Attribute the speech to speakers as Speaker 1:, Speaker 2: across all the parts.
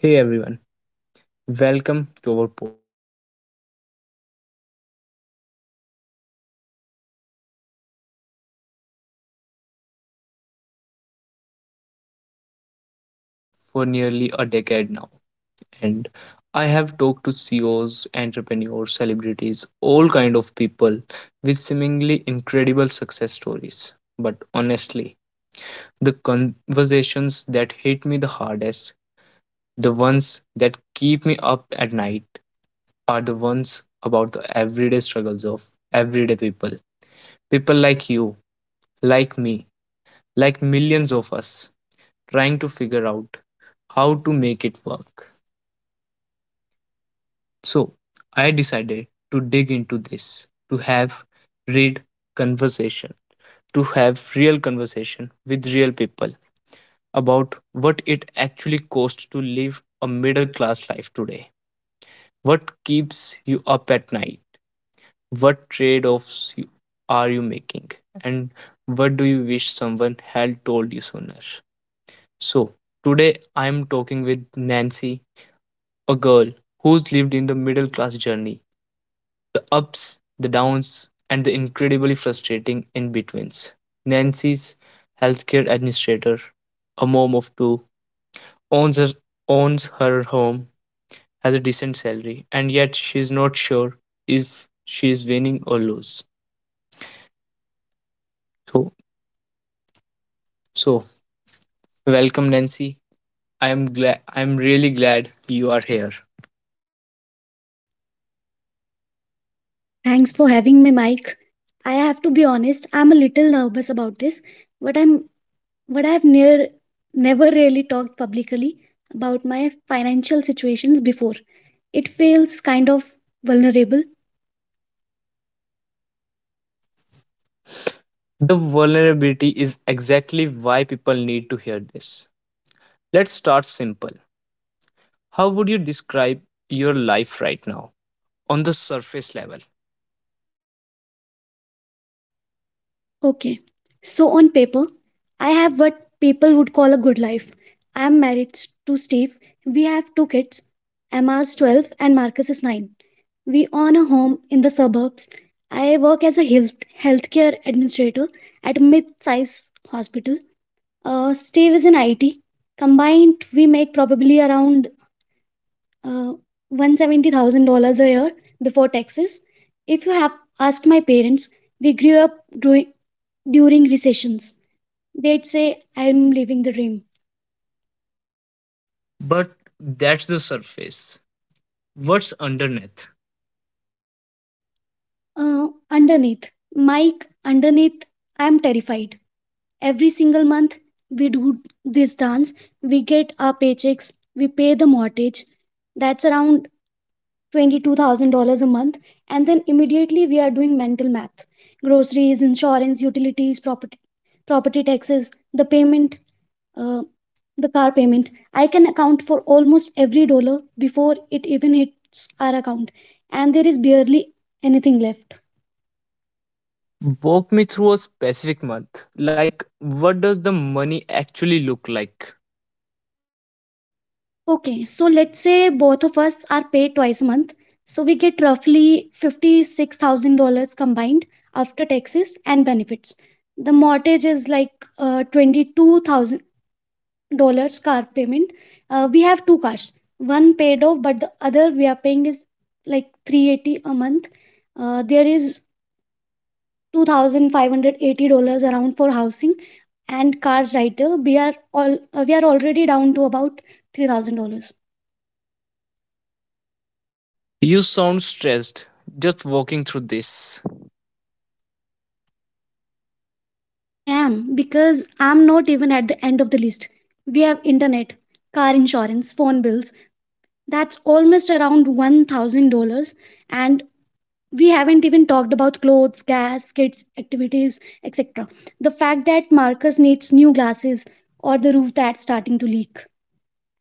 Speaker 1: Hey everyone, welcome to our podcast. So, our today's podcast topic is the middle class reality. I've been doing podcast for nearly a decade now, and I have talked to CEOs, entrepreneurs, celebrities, all kind of people with seemingly incredible success stories. But honestly, the conversations that hit me the hardest, the ones that keep me up at night, are the ones about the everyday struggles of everyday people. People like you, like me, like millions of us trying to figure out how to make it work. So, I decided to dig into this, to have read conversation, to have real conversation with real people about what it actually costs to live a middle class life today. What keeps you up at night? What trade offs are you making? And what do you wish someone had told you sooner? So, today I am talking with Nancy, a girl who's lived in the middle class journey, the ups, the downs, and the incredibly frustrating in betweens. Nancy's healthcare administrator, a mom of two, owns her, owns her home, has a decent salary, and yet she's not sure if she's winning or lose. So, so, Welcome, Nancy. I am glad. I am really glad you are here.
Speaker 2: Thanks for having me, Mike. I have to be honest, I'm a little nervous about this, but I'm but I've near never really talked publicly about my financial situations before. It feels kind of vulnerable.
Speaker 1: The vulnerability is exactly why people need to hear this. Let's start simple. How would you describe your life right now? On the surface level.
Speaker 2: Okay. So on paper, I have what people would call a good life. I'm married to Steve. We have two kids. Emma's 12 and Marcus is 9. We own a home in the suburbs. I work as a healthcare administrator at a mid-sized hospital. Steve is in IT. Combined, we make probably around uh, $170,000 a year before taxes. If you have asked my parents, we grew up during recessions. They'd say, "I'm living the dream."
Speaker 1: But that's the surface. What's underneath?
Speaker 2: Underneath, Mike, underneath, I'm terrified. Every single month, we do this dance. We get our paychecks, we pay the mortgage. That's around $22,000 a month. And then immediately we are doing mental math: groceries, insurance, utilities, property taxes, uh, the car payment. I can account for almost every dollar before it even hits our account, and there is barely anything left.
Speaker 1: Walk me through a specific month. Like, what does the money actually look like?
Speaker 2: Okay, so let's say both of us are paid twice a month. So we get roughly $56,000 combined after taxes and benefits. The mortgage is like $22,000. Car payment. We have two cars, one paid off, but the other we are paying is like 380 a month. There is $2,580 around for housing and cars right there. We are already down to about $3,000.
Speaker 1: You sound stressed just walking through this.
Speaker 2: I am because I'm not even at the end of the list. We have internet, car insurance, phone bills. That's almost around $1,000, and we haven't even talked about clothes, gas, kids, activities, etc. The fact that Marcus needs new glasses, or the roof that's starting to leak.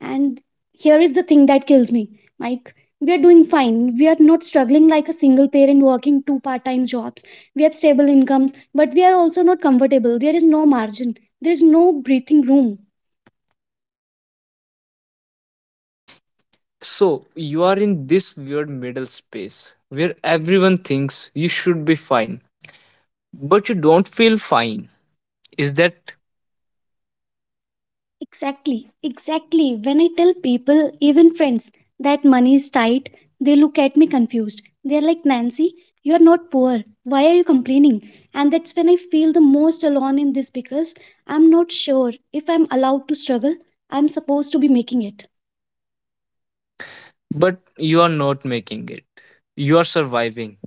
Speaker 2: And here is the thing that kills me, Mike. We are doing fine. We are not struggling like a single parent working two-part time jobs. We have stable incomes, but we are also not comfortable. There is no margin, there is no breathing room.
Speaker 1: So you are in this weird middle space where everyone thinks you should be fine, but you don't feel fine. Is
Speaker 2: That
Speaker 1: that
Speaker 2: Exactly, exactly. When I tell people, even friends, that money is tight, they look at me confused. They're like, "Nancy, you're not poor. Why are you complaining?" And that's when I feel the most alone in this, because I'm not sure if I'm allowed to struggle. I'm supposed to be making it.
Speaker 1: but you are not making it. You are surviving.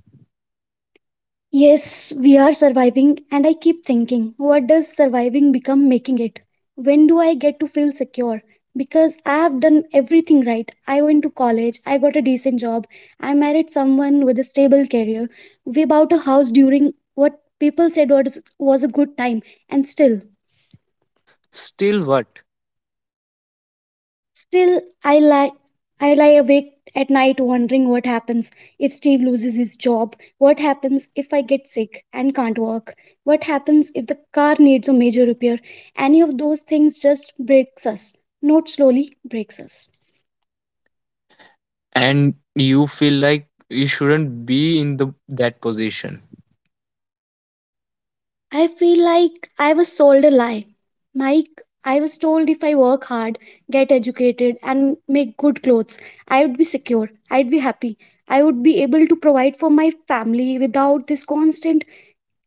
Speaker 2: Yes, we are surviving, and I keep thinking, what does surviving become making it? When do I get to feel secure? Because I have done everything right. I went to college, I got a decent job, I married someone with a stable career. We bought a house during what people said was a good time, and still,
Speaker 1: Still what?
Speaker 2: Still, I lie, I lie awake at night wondering what happens if Steve loses his job, what happens if I get sick and can't work, what happens if the car needs a major repair. Any of those things just breaks us, not slowly breaks us.
Speaker 1: And you feel like you shouldn't be in the that position.
Speaker 2: I feel like I was sold a lie. Mike, I was told if I work hard, get educated, and make good clothes, I would be secure, I'd be happy, I would be able to provide for my family without this constant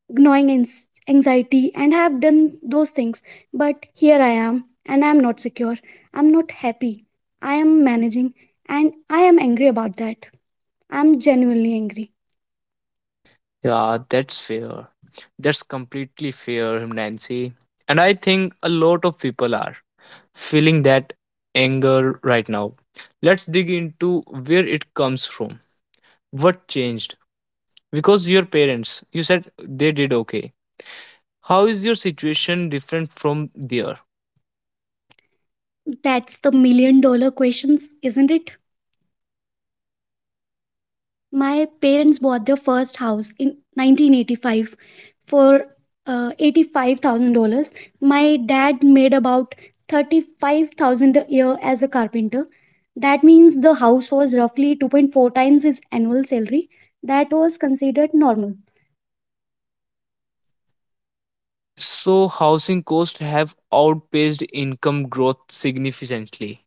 Speaker 2: gnawing anxiety, and have done those things. But here I am, and I am not secure. I'm not happy. I am managing, and I am angry about that. I'm genuinely angry.
Speaker 1: Yeah, that's fair. That's completely fair, Nancy. And I think a lot of people are feeling that anger right now. Let's dig into where it comes from. What changed? Because your parents, you said they did okay. How is your situation different from there?
Speaker 2: That's the million dollar questions, isn't it? My parents bought their first house in 1985 for $85,000. My dad made about 35,000 a year as a carpenter. That means the house was roughly 2.4 times his annual salary. That was considered normal.
Speaker 1: So housing costs have outpaced income growth significantly.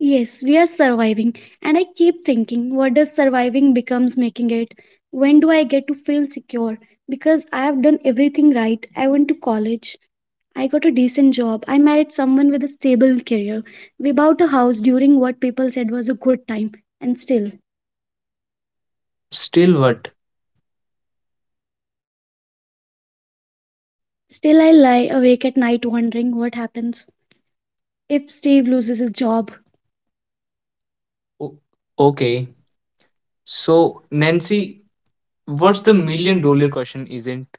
Speaker 2: Yes, we are surviving, and I keep thinking, what does surviving becomes making it? When do I get to feel secure? Because I have done everything right. I went to college. I got a decent job. I married someone with a stable career. We bought a house during what people said was a good time. And still, still
Speaker 1: Still what?
Speaker 2: what? Still, I lie awake at night wondering what happens if Steve loses his job. O-
Speaker 1: Okay.
Speaker 2: okay.
Speaker 1: So
Speaker 2: So,
Speaker 1: Nancy,
Speaker 2: Nancy,
Speaker 1: what's
Speaker 2: what's
Speaker 1: the
Speaker 2: the
Speaker 1: million
Speaker 2: million
Speaker 1: dollar
Speaker 2: dollar?
Speaker 1: question isn't?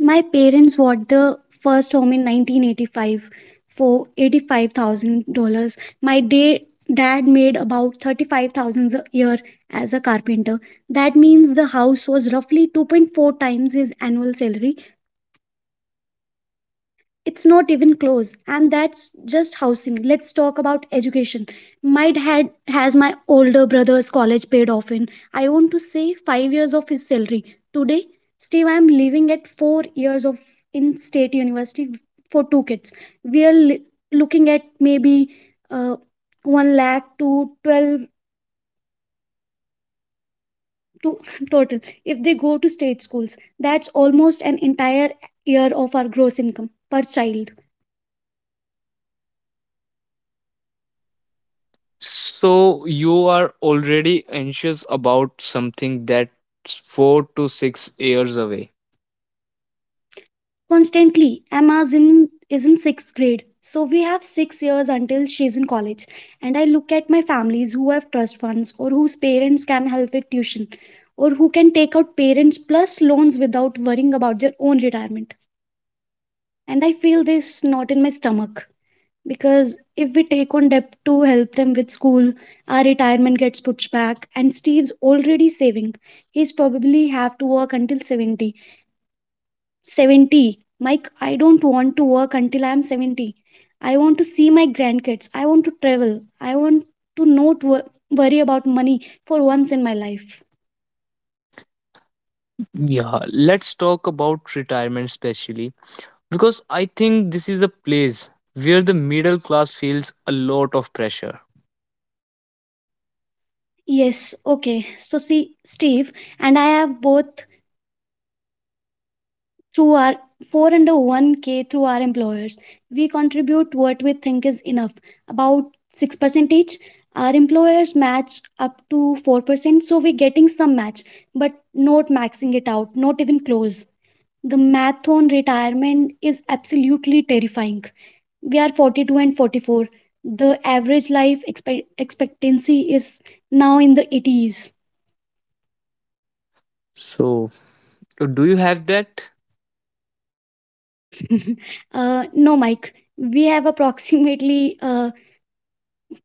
Speaker 2: My parents bought the first home in 1985 for $85,000. My dad made about 35,000 a year as a carpenter. That means the house was roughly 2.4 times his annual salary. It's not even close. And that's just housing. Let's talk about education. Might had Has my older brother's college paid off in, I want to say, 5 years of his salary? Today, Steve, I'm living at 4 years of in state university for two kids. We are looking at maybe uh, 1 lakh to 12 to total, if they go to state schools. That's almost an entire year of our gross income, per child.
Speaker 1: So you are already anxious about something that's 4 to 6 years away.
Speaker 2: Constantly. Emma's in is in sixth grade, so we have 6 years until she's in college. And I look at my families who have trust funds, or whose parents can help with tuition, or who can take out parents plus loans without worrying about their own retirement. And I feel this knot in my stomach, because if we take on debt to help them with school, our retirement gets pushed back, and Steve's already saving. He's probably have to work until 70. Mike, I don't want to work until I'm 70. I want to see my grandkids. I want to travel. I want to not worry about money for once in my life.
Speaker 1: Yeah, let's talk about retirement specially because I think this is a place where the middle class feels a lot of pressure.
Speaker 2: Yes, okay. So see, Steve and I have both through our four and a one k through our employers. We contribute what we think is enough, about 6% each. Our employers match up to 4%, so we're getting some match, but not maxing it out, not even close. The math on retirement is absolutely terrifying. We are 42 and 44. The average life expectancy is now in the 80s.
Speaker 1: So, do you have that?
Speaker 2: No, Mike. We have approximately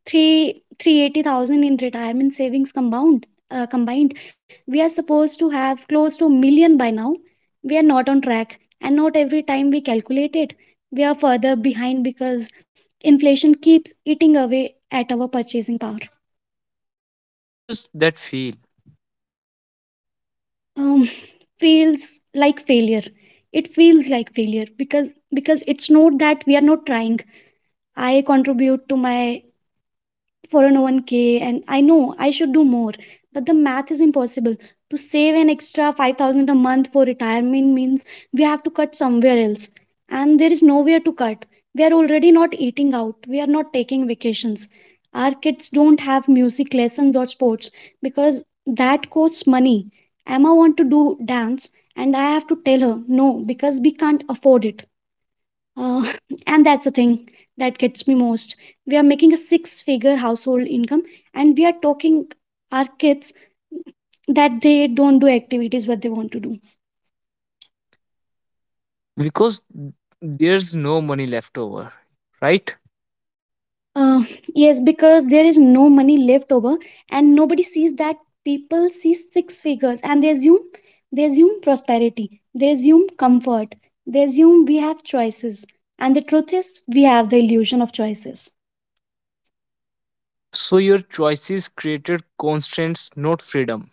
Speaker 2: three 380,000 in retirement savings compound, combined. We are supposed to have close to million by now. We are not on track, and not every time we calculate it, we are further behind, because inflation keeps eating away at our purchasing power.
Speaker 1: How does that feel?
Speaker 2: um, Feels like failure. It feels like failure because it's not that we are not trying. I contribute to my 401k, and I know I should do more, but the math is impossible. To save an extra 5,000 a month for retirement means we have to cut somewhere else. And there is nowhere to cut. We are already not eating out. We are not taking vacations. Our kids don't have music lessons or sports because that costs money. Emma wants to do dance, and I have to tell her no because we can't afford it. Uh, and that's the thing that gets me most. We are making a six figure household income, and we are talking our kids that they don't do activities what they want to do.
Speaker 1: Because there's no money left over, right?
Speaker 2: Uh, yes, because there is no money left over, and nobody sees that. People see six figures and they assume prosperity, they assume comfort, they assume we have choices. And the truth is we have the illusion of choices.
Speaker 1: So, your choices created constraints, not freedom.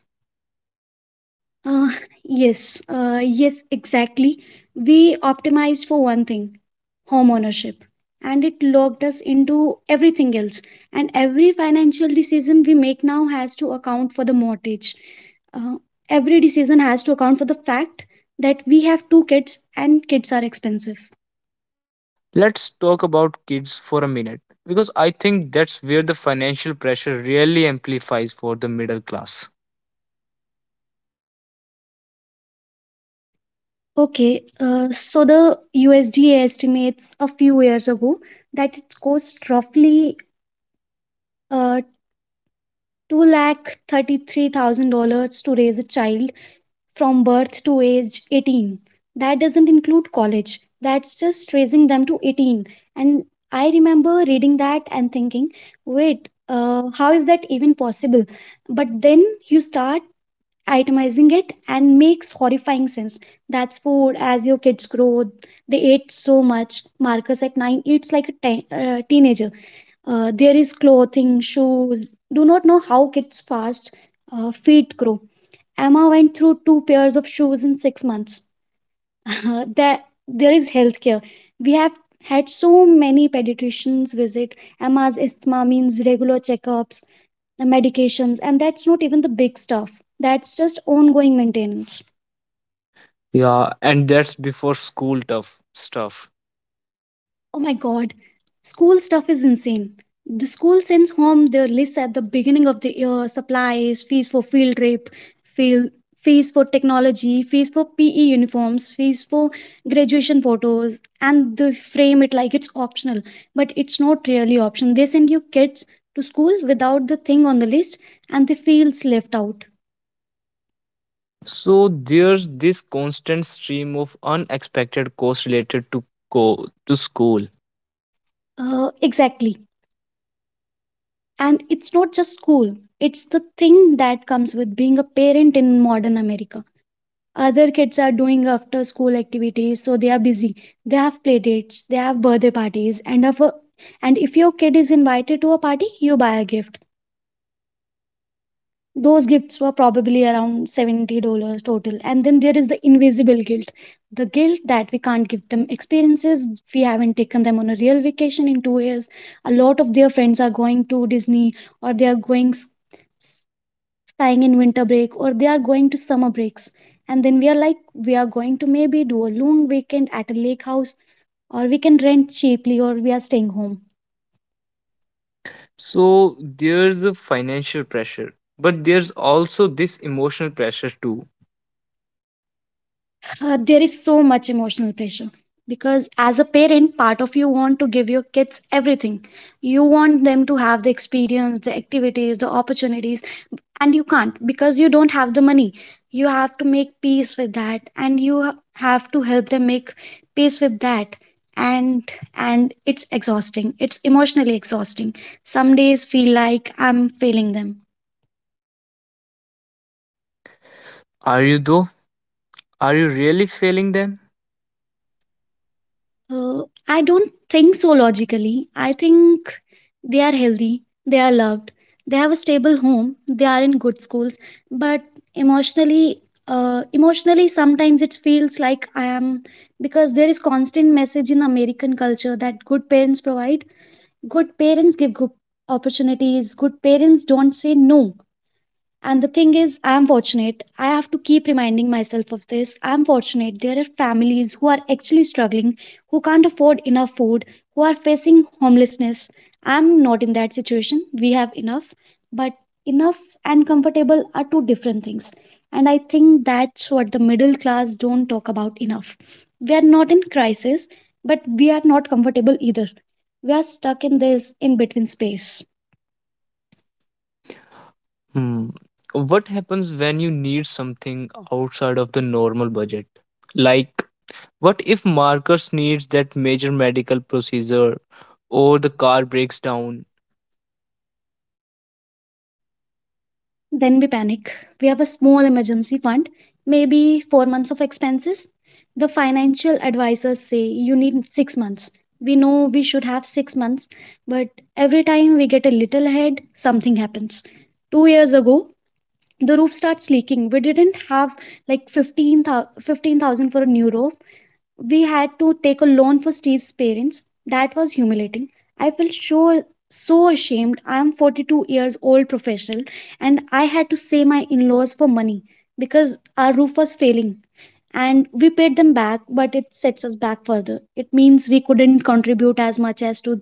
Speaker 2: Uh, yes, yes, exactly. We optimized for one thing, home ownership, and it locked us into everything else. And every financial decision we make now has to account for the mortgage. Uh, every decision has to account for the fact that we have two kids, and kids are expensive.
Speaker 1: Let's talk about kids for a minute because I think that's where the financial pressure really amplifies for the middle class.
Speaker 2: Okay, so the USDA estimates a few years ago that it costs roughly uh, $33,000 to raise a child from birth to age 18. That doesn't include college. That's just raising them to 18. And I remember reading that and thinking, wait, how is that even possible? But then you start itemizing it, and makes horrifying sense. That's food. As your kids grow, they ate so much. Marcus at 9 eats like a teenager. There is clothing, shoes. Do not know how kids fast feet grow. Emma went through two pairs of shoes in 6 months. there, there is healthcare. We have had so many pediatricians visit. Emma's asthma means regular checkups, medications, and that's not even the big stuff. That's just ongoing maintenance.
Speaker 1: Yeah, and that's before school tough stuff.
Speaker 2: Oh my god, school stuff is insane. The school sends home their list at the beginning of the year: supplies, fees for field trip, field, fees for technology, fees for PE uniforms, fees for graduation photos, and they frame it like it's optional. But it's not really option. They send you kids to school without the thing on the list, and they feels left out.
Speaker 1: So there's this constant stream of unexpected costs related to school.
Speaker 2: Exactly. And it's not just school. It's the thing that comes with being a parent in modern America. Other kids are doing after school activities, so they are busy. They have play dates, they have birthday parties, and if your kid is invited to a party, you buy a gift. Those gifts were probably around $70 total. And then there is the invisible guilt. The guilt that we can't give them experiences, we haven't taken them on a real vacation in 2 years. A lot of their friends are going to Disney or they are staying in winter break or they are going to summer breaks, and then we are like we are going to maybe do a long weekend at a lake house or we can rent cheaply or we are staying home.
Speaker 1: So there's a financial pressure, but there's also this emotional pressure too.
Speaker 2: There is so much emotional pressure because as a parent part of you want to give your kids everything, you want them to have the experience, the activities, the opportunities, and you can't because you don't have the money. You have to make peace with that, and you have to help them make peace with that, and and it's exhausting, it's emotionally exhausting. Some days feel like I'm failing them.
Speaker 1: Are you though? Are you really failing them?
Speaker 2: Uh, I don't think so logically. I think they are healthy, they are loved, they have a stable home, they are in good schools, but emotionally, emotionally sometimes it feels like I am, because there is constant message in American culture that good parents provide, good parents give good opportunities, good parents don't say no. And the thing is, I'm fortunate. I have to keep reminding myself of this. I'm fortunate. There are families who are actually struggling, who can't afford enough food, who are facing homelessness. I'm not in that situation. We have enough, but enough and comfortable are two different things. And I think that's what the middle class don't talk about enough. We are not in crisis, but we are not comfortable either. We are stuck in this in between space.
Speaker 1: Hmm. What happens when you need something outside of the normal budget? Like, what if Marcus needs that major medical procedure or the car breaks down,
Speaker 2: Then we panic. We have a small emergency fund, maybe 4 months of expenses. The financial advisors say you need 6 months. We know we should have 6 months, but every time we get a little ahead, something happens. 2 years ago, the roof starts leaking. We didn't have like 15,000 for a new roof. We had to take a loan for Steve's parents. That was humiliating. I felt so ashamed. I am 42 years old professional, and I had to say my in-laws for money because our roof was failing, and we paid them back, but it sets us back further. It means we couldn't contribute as much as to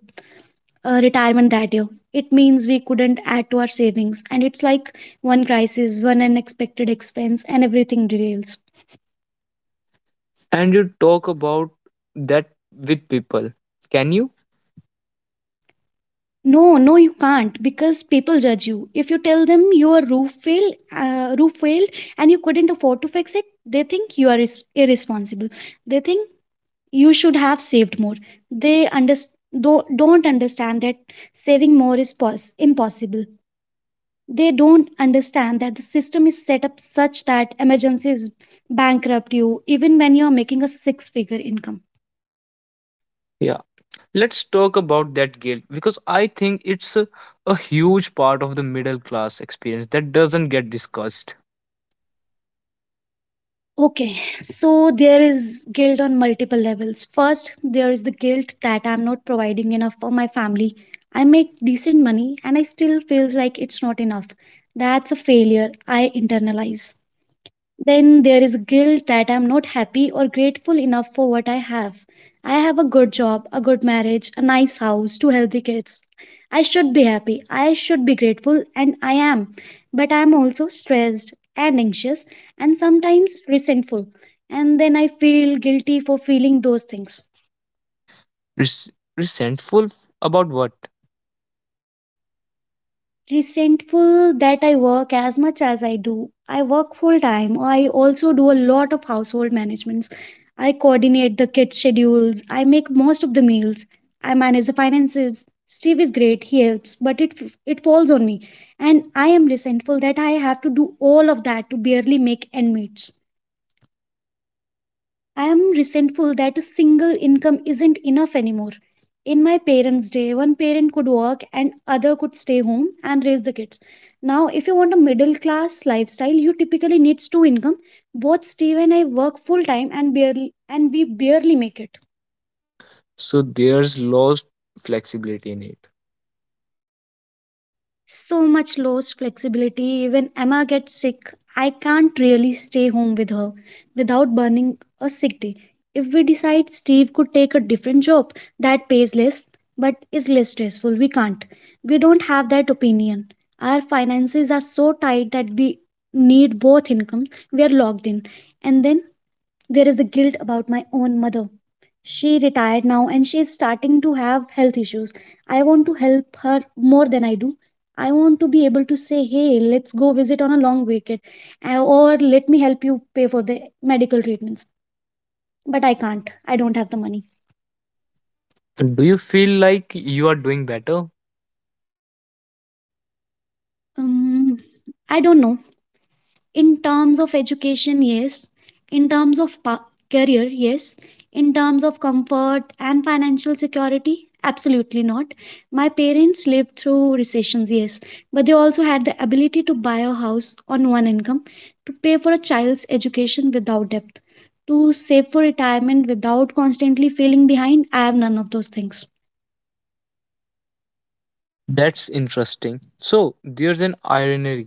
Speaker 2: retirement that year. It means we couldn't add to our savings, and it's like one crisis, one unexpected expense and everything derails.
Speaker 1: and you talk about that with people, can you?
Speaker 2: No, no, you can't, because people judge you. If you tell them your roof failed, and you couldn't afford to fix it, they think you are irresponsible. They think you should have saved more. They don't understand that saving more is impossible. They don't understand that the system is set up such that emergencies bankrupt you even when you are making a six-figure income.
Speaker 1: Yeah, let's talk about that guilt because I think it's a huge part of the middle class experience that doesn't get discussed.
Speaker 2: Okay, so there is guilt on multiple levels. First, there is the guilt that I'm not providing enough for my family. I make decent money and I still feels like it's not enough. That's a failure I internalize. Then there is guilt that I'm not happy or grateful enough for what I have. I have a good job, a good marriage, a nice house, two healthy kids. I should be happy, I should be grateful, and I am. But I'm also stressed and anxious and sometimes resentful. And then I feel guilty for feeling those things.
Speaker 1: Resentful about what?
Speaker 2: Resentful that I work as much as I do. I work full time. I also do a lot of household managements. I coordinate the kids' schedules. I make most of the meals. I manage the finances. Steve is great. He helps, but it falls on me, and I am resentful that I have to do all of that to barely make end meets. I am resentful that a single income isn't enough anymore. In my parents' day, one parent could work and other could stay home and raise the kids. Now, if you want a middle class lifestyle, you typically need two income. Both Steve and I work full time and we barely make it.
Speaker 1: So there's lost flexibility in it.
Speaker 2: So much lost flexibility. When Emma gets sick, I can't really stay home with her without burning a sick day. If we decide Steve could take a different job that pays less but is less stressful, we can't. We don't have that opinion. Our finances are so tight that we need both incomes. We are locked in. And then there is the guilt about my own mother. She retired now and she is starting to have health issues. I want to help her more than I do. I want to be able to say, hey, let's go visit on a long weekend, or let me help you pay for the medical treatments. But I can't. I don't have the money.
Speaker 1: Do you feel like you are doing better?
Speaker 2: Um, I don't know. In terms of education, yes. In terms of career, yes. In terms of comfort and financial security, absolutely not. My parents lived through recessions, yes, but they also had the ability to buy a house on one income, to pay for a child's education without debt, to save for retirement without constantly feeling behind. I have none of those things.
Speaker 1: That's interesting. So there's an irony,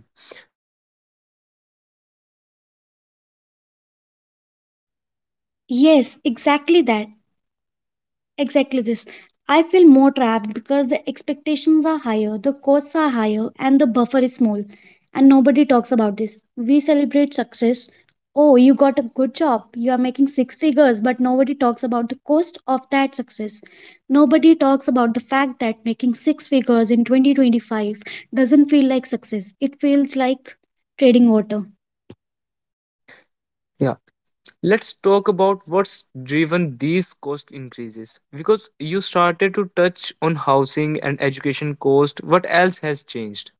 Speaker 1: you have done better on paper, but you feel more trapped in it.
Speaker 2: Yes, exactly that. Exactly this. I feel more trapped because the expectations are higher, the costs are higher, and the buffer is small. And nobody talks about this. We celebrate success. Oh, you got a good job. You are making six figures, but nobody talks about the cost of that success. Nobody talks about the fact that making six figures in 2025 doesn't feel like success. It feels like trading water.
Speaker 1: Yeah. Let's talk about what's driven these cost increases because you started to touch on housing and education cost. What else has changed?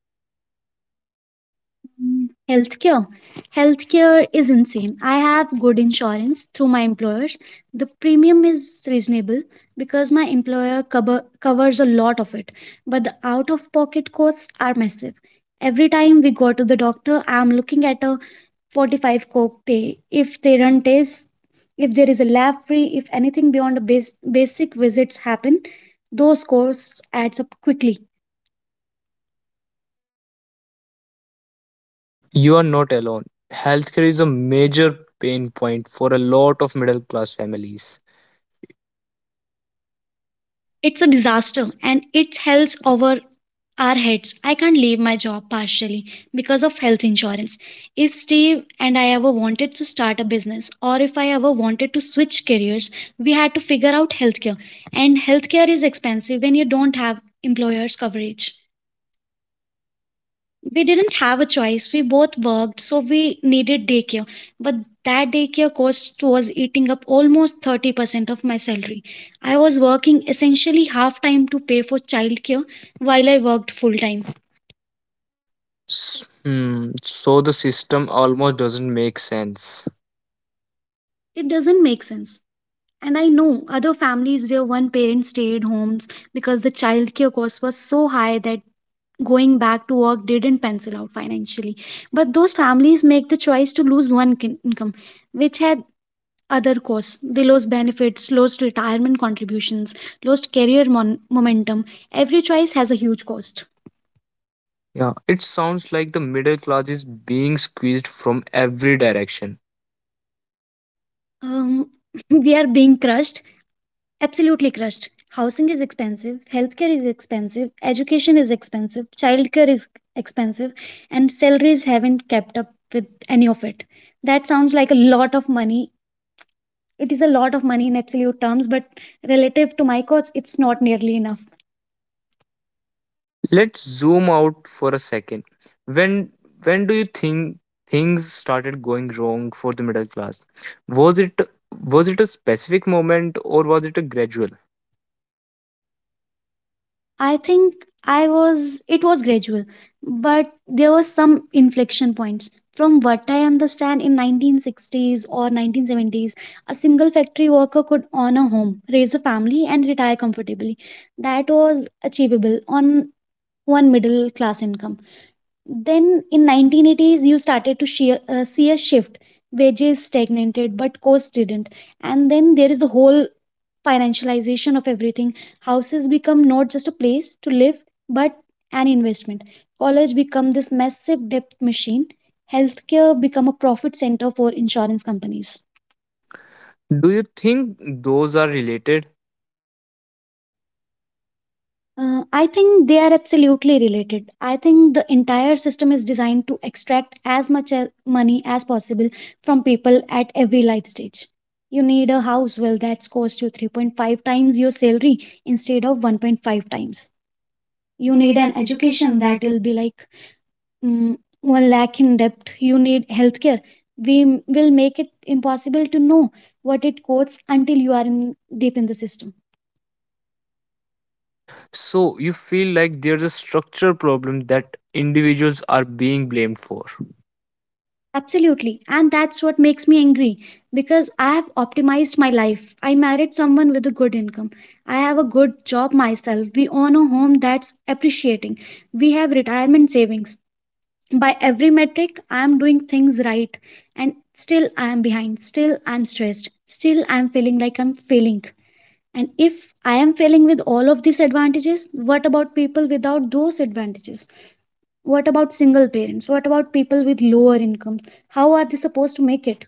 Speaker 2: Healthcare. Healthcare is insane. I have good insurance through my employers. The premium is reasonable because my employer covers a lot of it, but the out of pocket costs are massive. Every time we go to the doctor, I'm looking at a 45 copay. If they run tests, if there is a lab free, if anything beyond a basic visits happen, those costs adds up quickly.
Speaker 1: And you are not alone. Healthcare is a major pain point for a lot of middle class families.
Speaker 2: It's a disaster and it hells over our heads. I can't leave my job partially because of health insurance. If Steve and I ever wanted to start a business or if I ever wanted to switch careers, we had to figure out healthcare. And healthcare is expensive when you don't have employer's coverage. We didn't have a choice. We both worked, so we needed daycare. But that daycare cost was eating up almost 30% of my salary. I was working essentially half time to pay for childcare while I worked full time.
Speaker 1: S- Hmm, so the system almost doesn't make sense.
Speaker 2: It doesn't make sense. And I know other families where one parent stayed homes because the childcare cost was so high that going back to work didn't pencil out financially. But those families make the choice to lose one income, which has other costs. They lost benefits, lost retirement contributions, lost career momentum. Every choice has a huge cost.
Speaker 1: Yeah, it sounds like the middle class is being squeezed from every direction.
Speaker 2: Um, we are being crushed, absolutely crushed. Housing is expensive, healthcare is expensive, education is expensive, childcare is expensive, and salaries haven't kept up with any of it. That sounds like a lot of money. It is a lot of money in absolute terms, but relative to my costs, it's not nearly enough.
Speaker 1: Let's zoom out for a second. When when do you think things started going wrong for the middle class? Was it a specific moment or was it a gradual?
Speaker 2: I think I was it was gradual, but there were some inflection points. From what I understand, in 1960s or 1970s, a single factory worker could own a home, raise a family, and retire comfortably. That was achievable on one middle class income. Then in 1980s, you started to see a shift. Wages stagnated, but costs didn't. And then there is the whole financialization of everything. Houses become not just a place to live, but an investment. College become this massive debt machine. Healthcare become a profit center for insurance companies.
Speaker 1: Do you think those are related?
Speaker 2: I think they are absolutely related. I think the entire system is designed to extract as much as money as possible from people at every life stage. You need a house, well, that's cost you 3.5 times your salary instead of 1.5 times. You
Speaker 1: You
Speaker 2: need
Speaker 1: need an
Speaker 2: an education
Speaker 1: education
Speaker 2: that
Speaker 1: that
Speaker 2: will be like 1 lakh in debt. You need healthcare. We will make it impossible to know what it costs until you are deep in the system.
Speaker 1: so you feel like there's a structural problem that individuals are being blamed for.
Speaker 2: Absolutely. And that's what makes me angry because I have optimized my life. I married someone with a good income. I have a good job myself. We own a home that's appreciating. We have retirement savings. By every metric, I am doing things right. And still, I am behind. Still, I am stressed. Still, I am feeling like I'm failing. And if I am failing with all of these advantages, what about people without those advantages? What about single parents? What about people with lower incomes? How are they supposed to make it?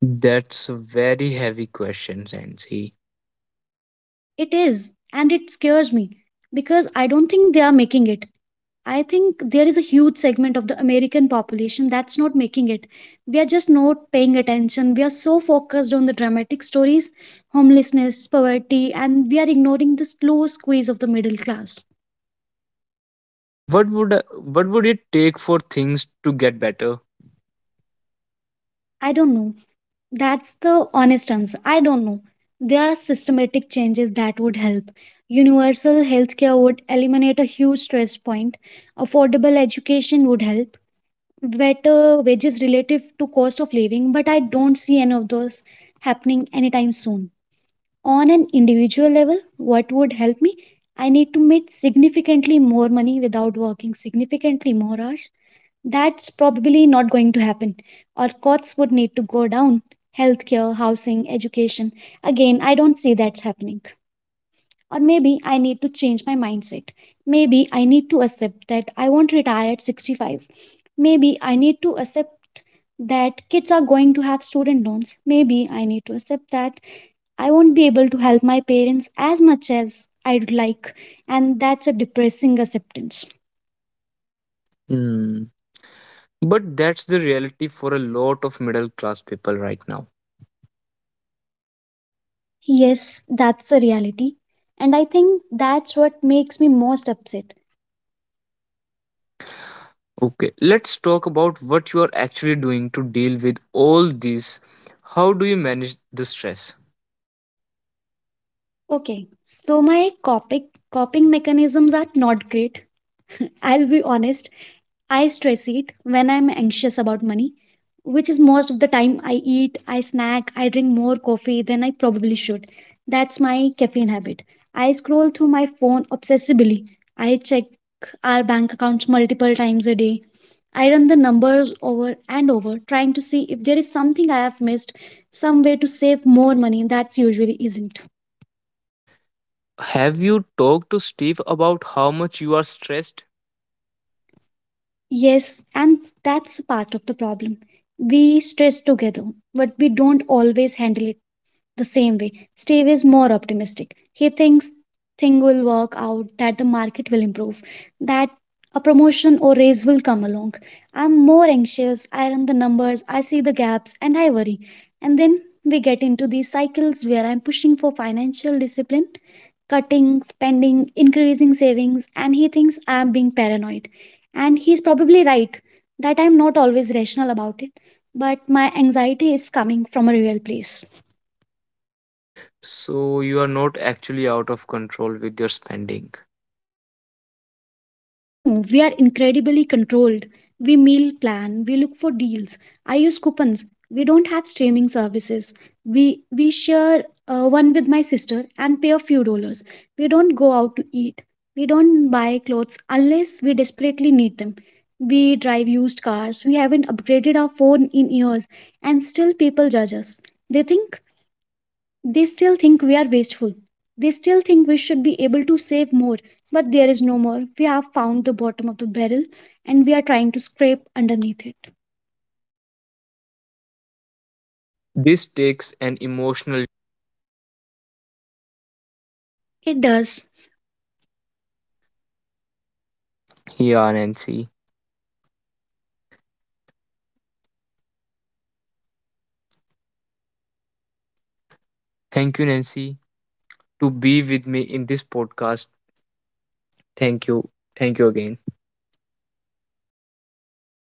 Speaker 1: That's a very heavy question, Nancy.
Speaker 2: It is, and it scares me because I don't think they are making it. I think there is a huge segment of the American population that's not making it. We are just not paying attention. We are so focused on the dramatic stories, homelessness, poverty, and we are ignoring the slow squeeze of the middle class.
Speaker 1: What would what would it take for things to get better?
Speaker 2: I don't know. That's the honest answer. I don't know. There are systematic changes that would help. Universal healthcare would eliminate a huge stress point. Affordable education would help. Better wages relative to cost of living, but I don't see any of those happening anytime soon. On an individual level, what would help me? I need to make significantly more money without working significantly more hours. That's probably not going to happen, or costs would need to go down. Healthcare, housing, education. Again, I don't see that's happening. Or maybe I need to change my mindset. Maybe I need to accept that I won't retire at 65. Maybe I need to accept that kids are going to have student loans. Maybe I need to accept that I won't be able to help my parents as much as I'd like. And that's a depressing acceptance.
Speaker 1: Hmm. But that's the reality for a lot of middle class people right now.
Speaker 2: Yes, that's a reality. And I think that's what makes me most upset.
Speaker 1: Okay, let's talk about what you are actually doing to deal with all this. How do you manage the stress?
Speaker 2: Okay, so my coping mechanisms are not great. I'll be honest, I stress it when I'm anxious about money, which is most of the time I eat, I snack, I drink more coffee than I probably should. That's my caffeine habit. I scroll through my phone obsessively. I check our bank accounts multiple times a day. I run the numbers over and over, trying to see if there is something I have missed, some way to save more money that's usually isn't.
Speaker 1: Have you talked to Steve about how much you are stressed?
Speaker 2: Yes, and that's a part of the problem. We stress together, but we don't always handle it. The same way, Steve is more optimistic. He thinks thing will work out, that the market will improve, that a promotion or raise will come along. I'm more anxious, I run the numbers, I see the gaps, and I worry. And then we get into these cycles where I'm pushing for financial discipline, cutting, spending, increasing savings, and he thinks I'm being paranoid. And he's probably right that I'm not always rational about it, but my anxiety is coming from a real place.
Speaker 1: So you are not actually out of control with your spending.
Speaker 2: No, we are incredibly controlled. We meal plan, we look for deals. I use coupons. We don't have streaming services. We share one with my sister and pay a few dollars. We don't go out to eat. We don't buy clothes unless we desperately need them. We drive used cars. We haven't upgraded our phone in years and still people judge us. They think they still think we are wasteful. They still think we should be able to save more, but there is no more. We have found the bottom of the barrel and we are trying to scrape underneath it.
Speaker 1: This takes an emotional.
Speaker 2: It does
Speaker 1: Yeah, Nancy. Thank you, Nancy, to be with me in this podcast. Thank you. Thank you again.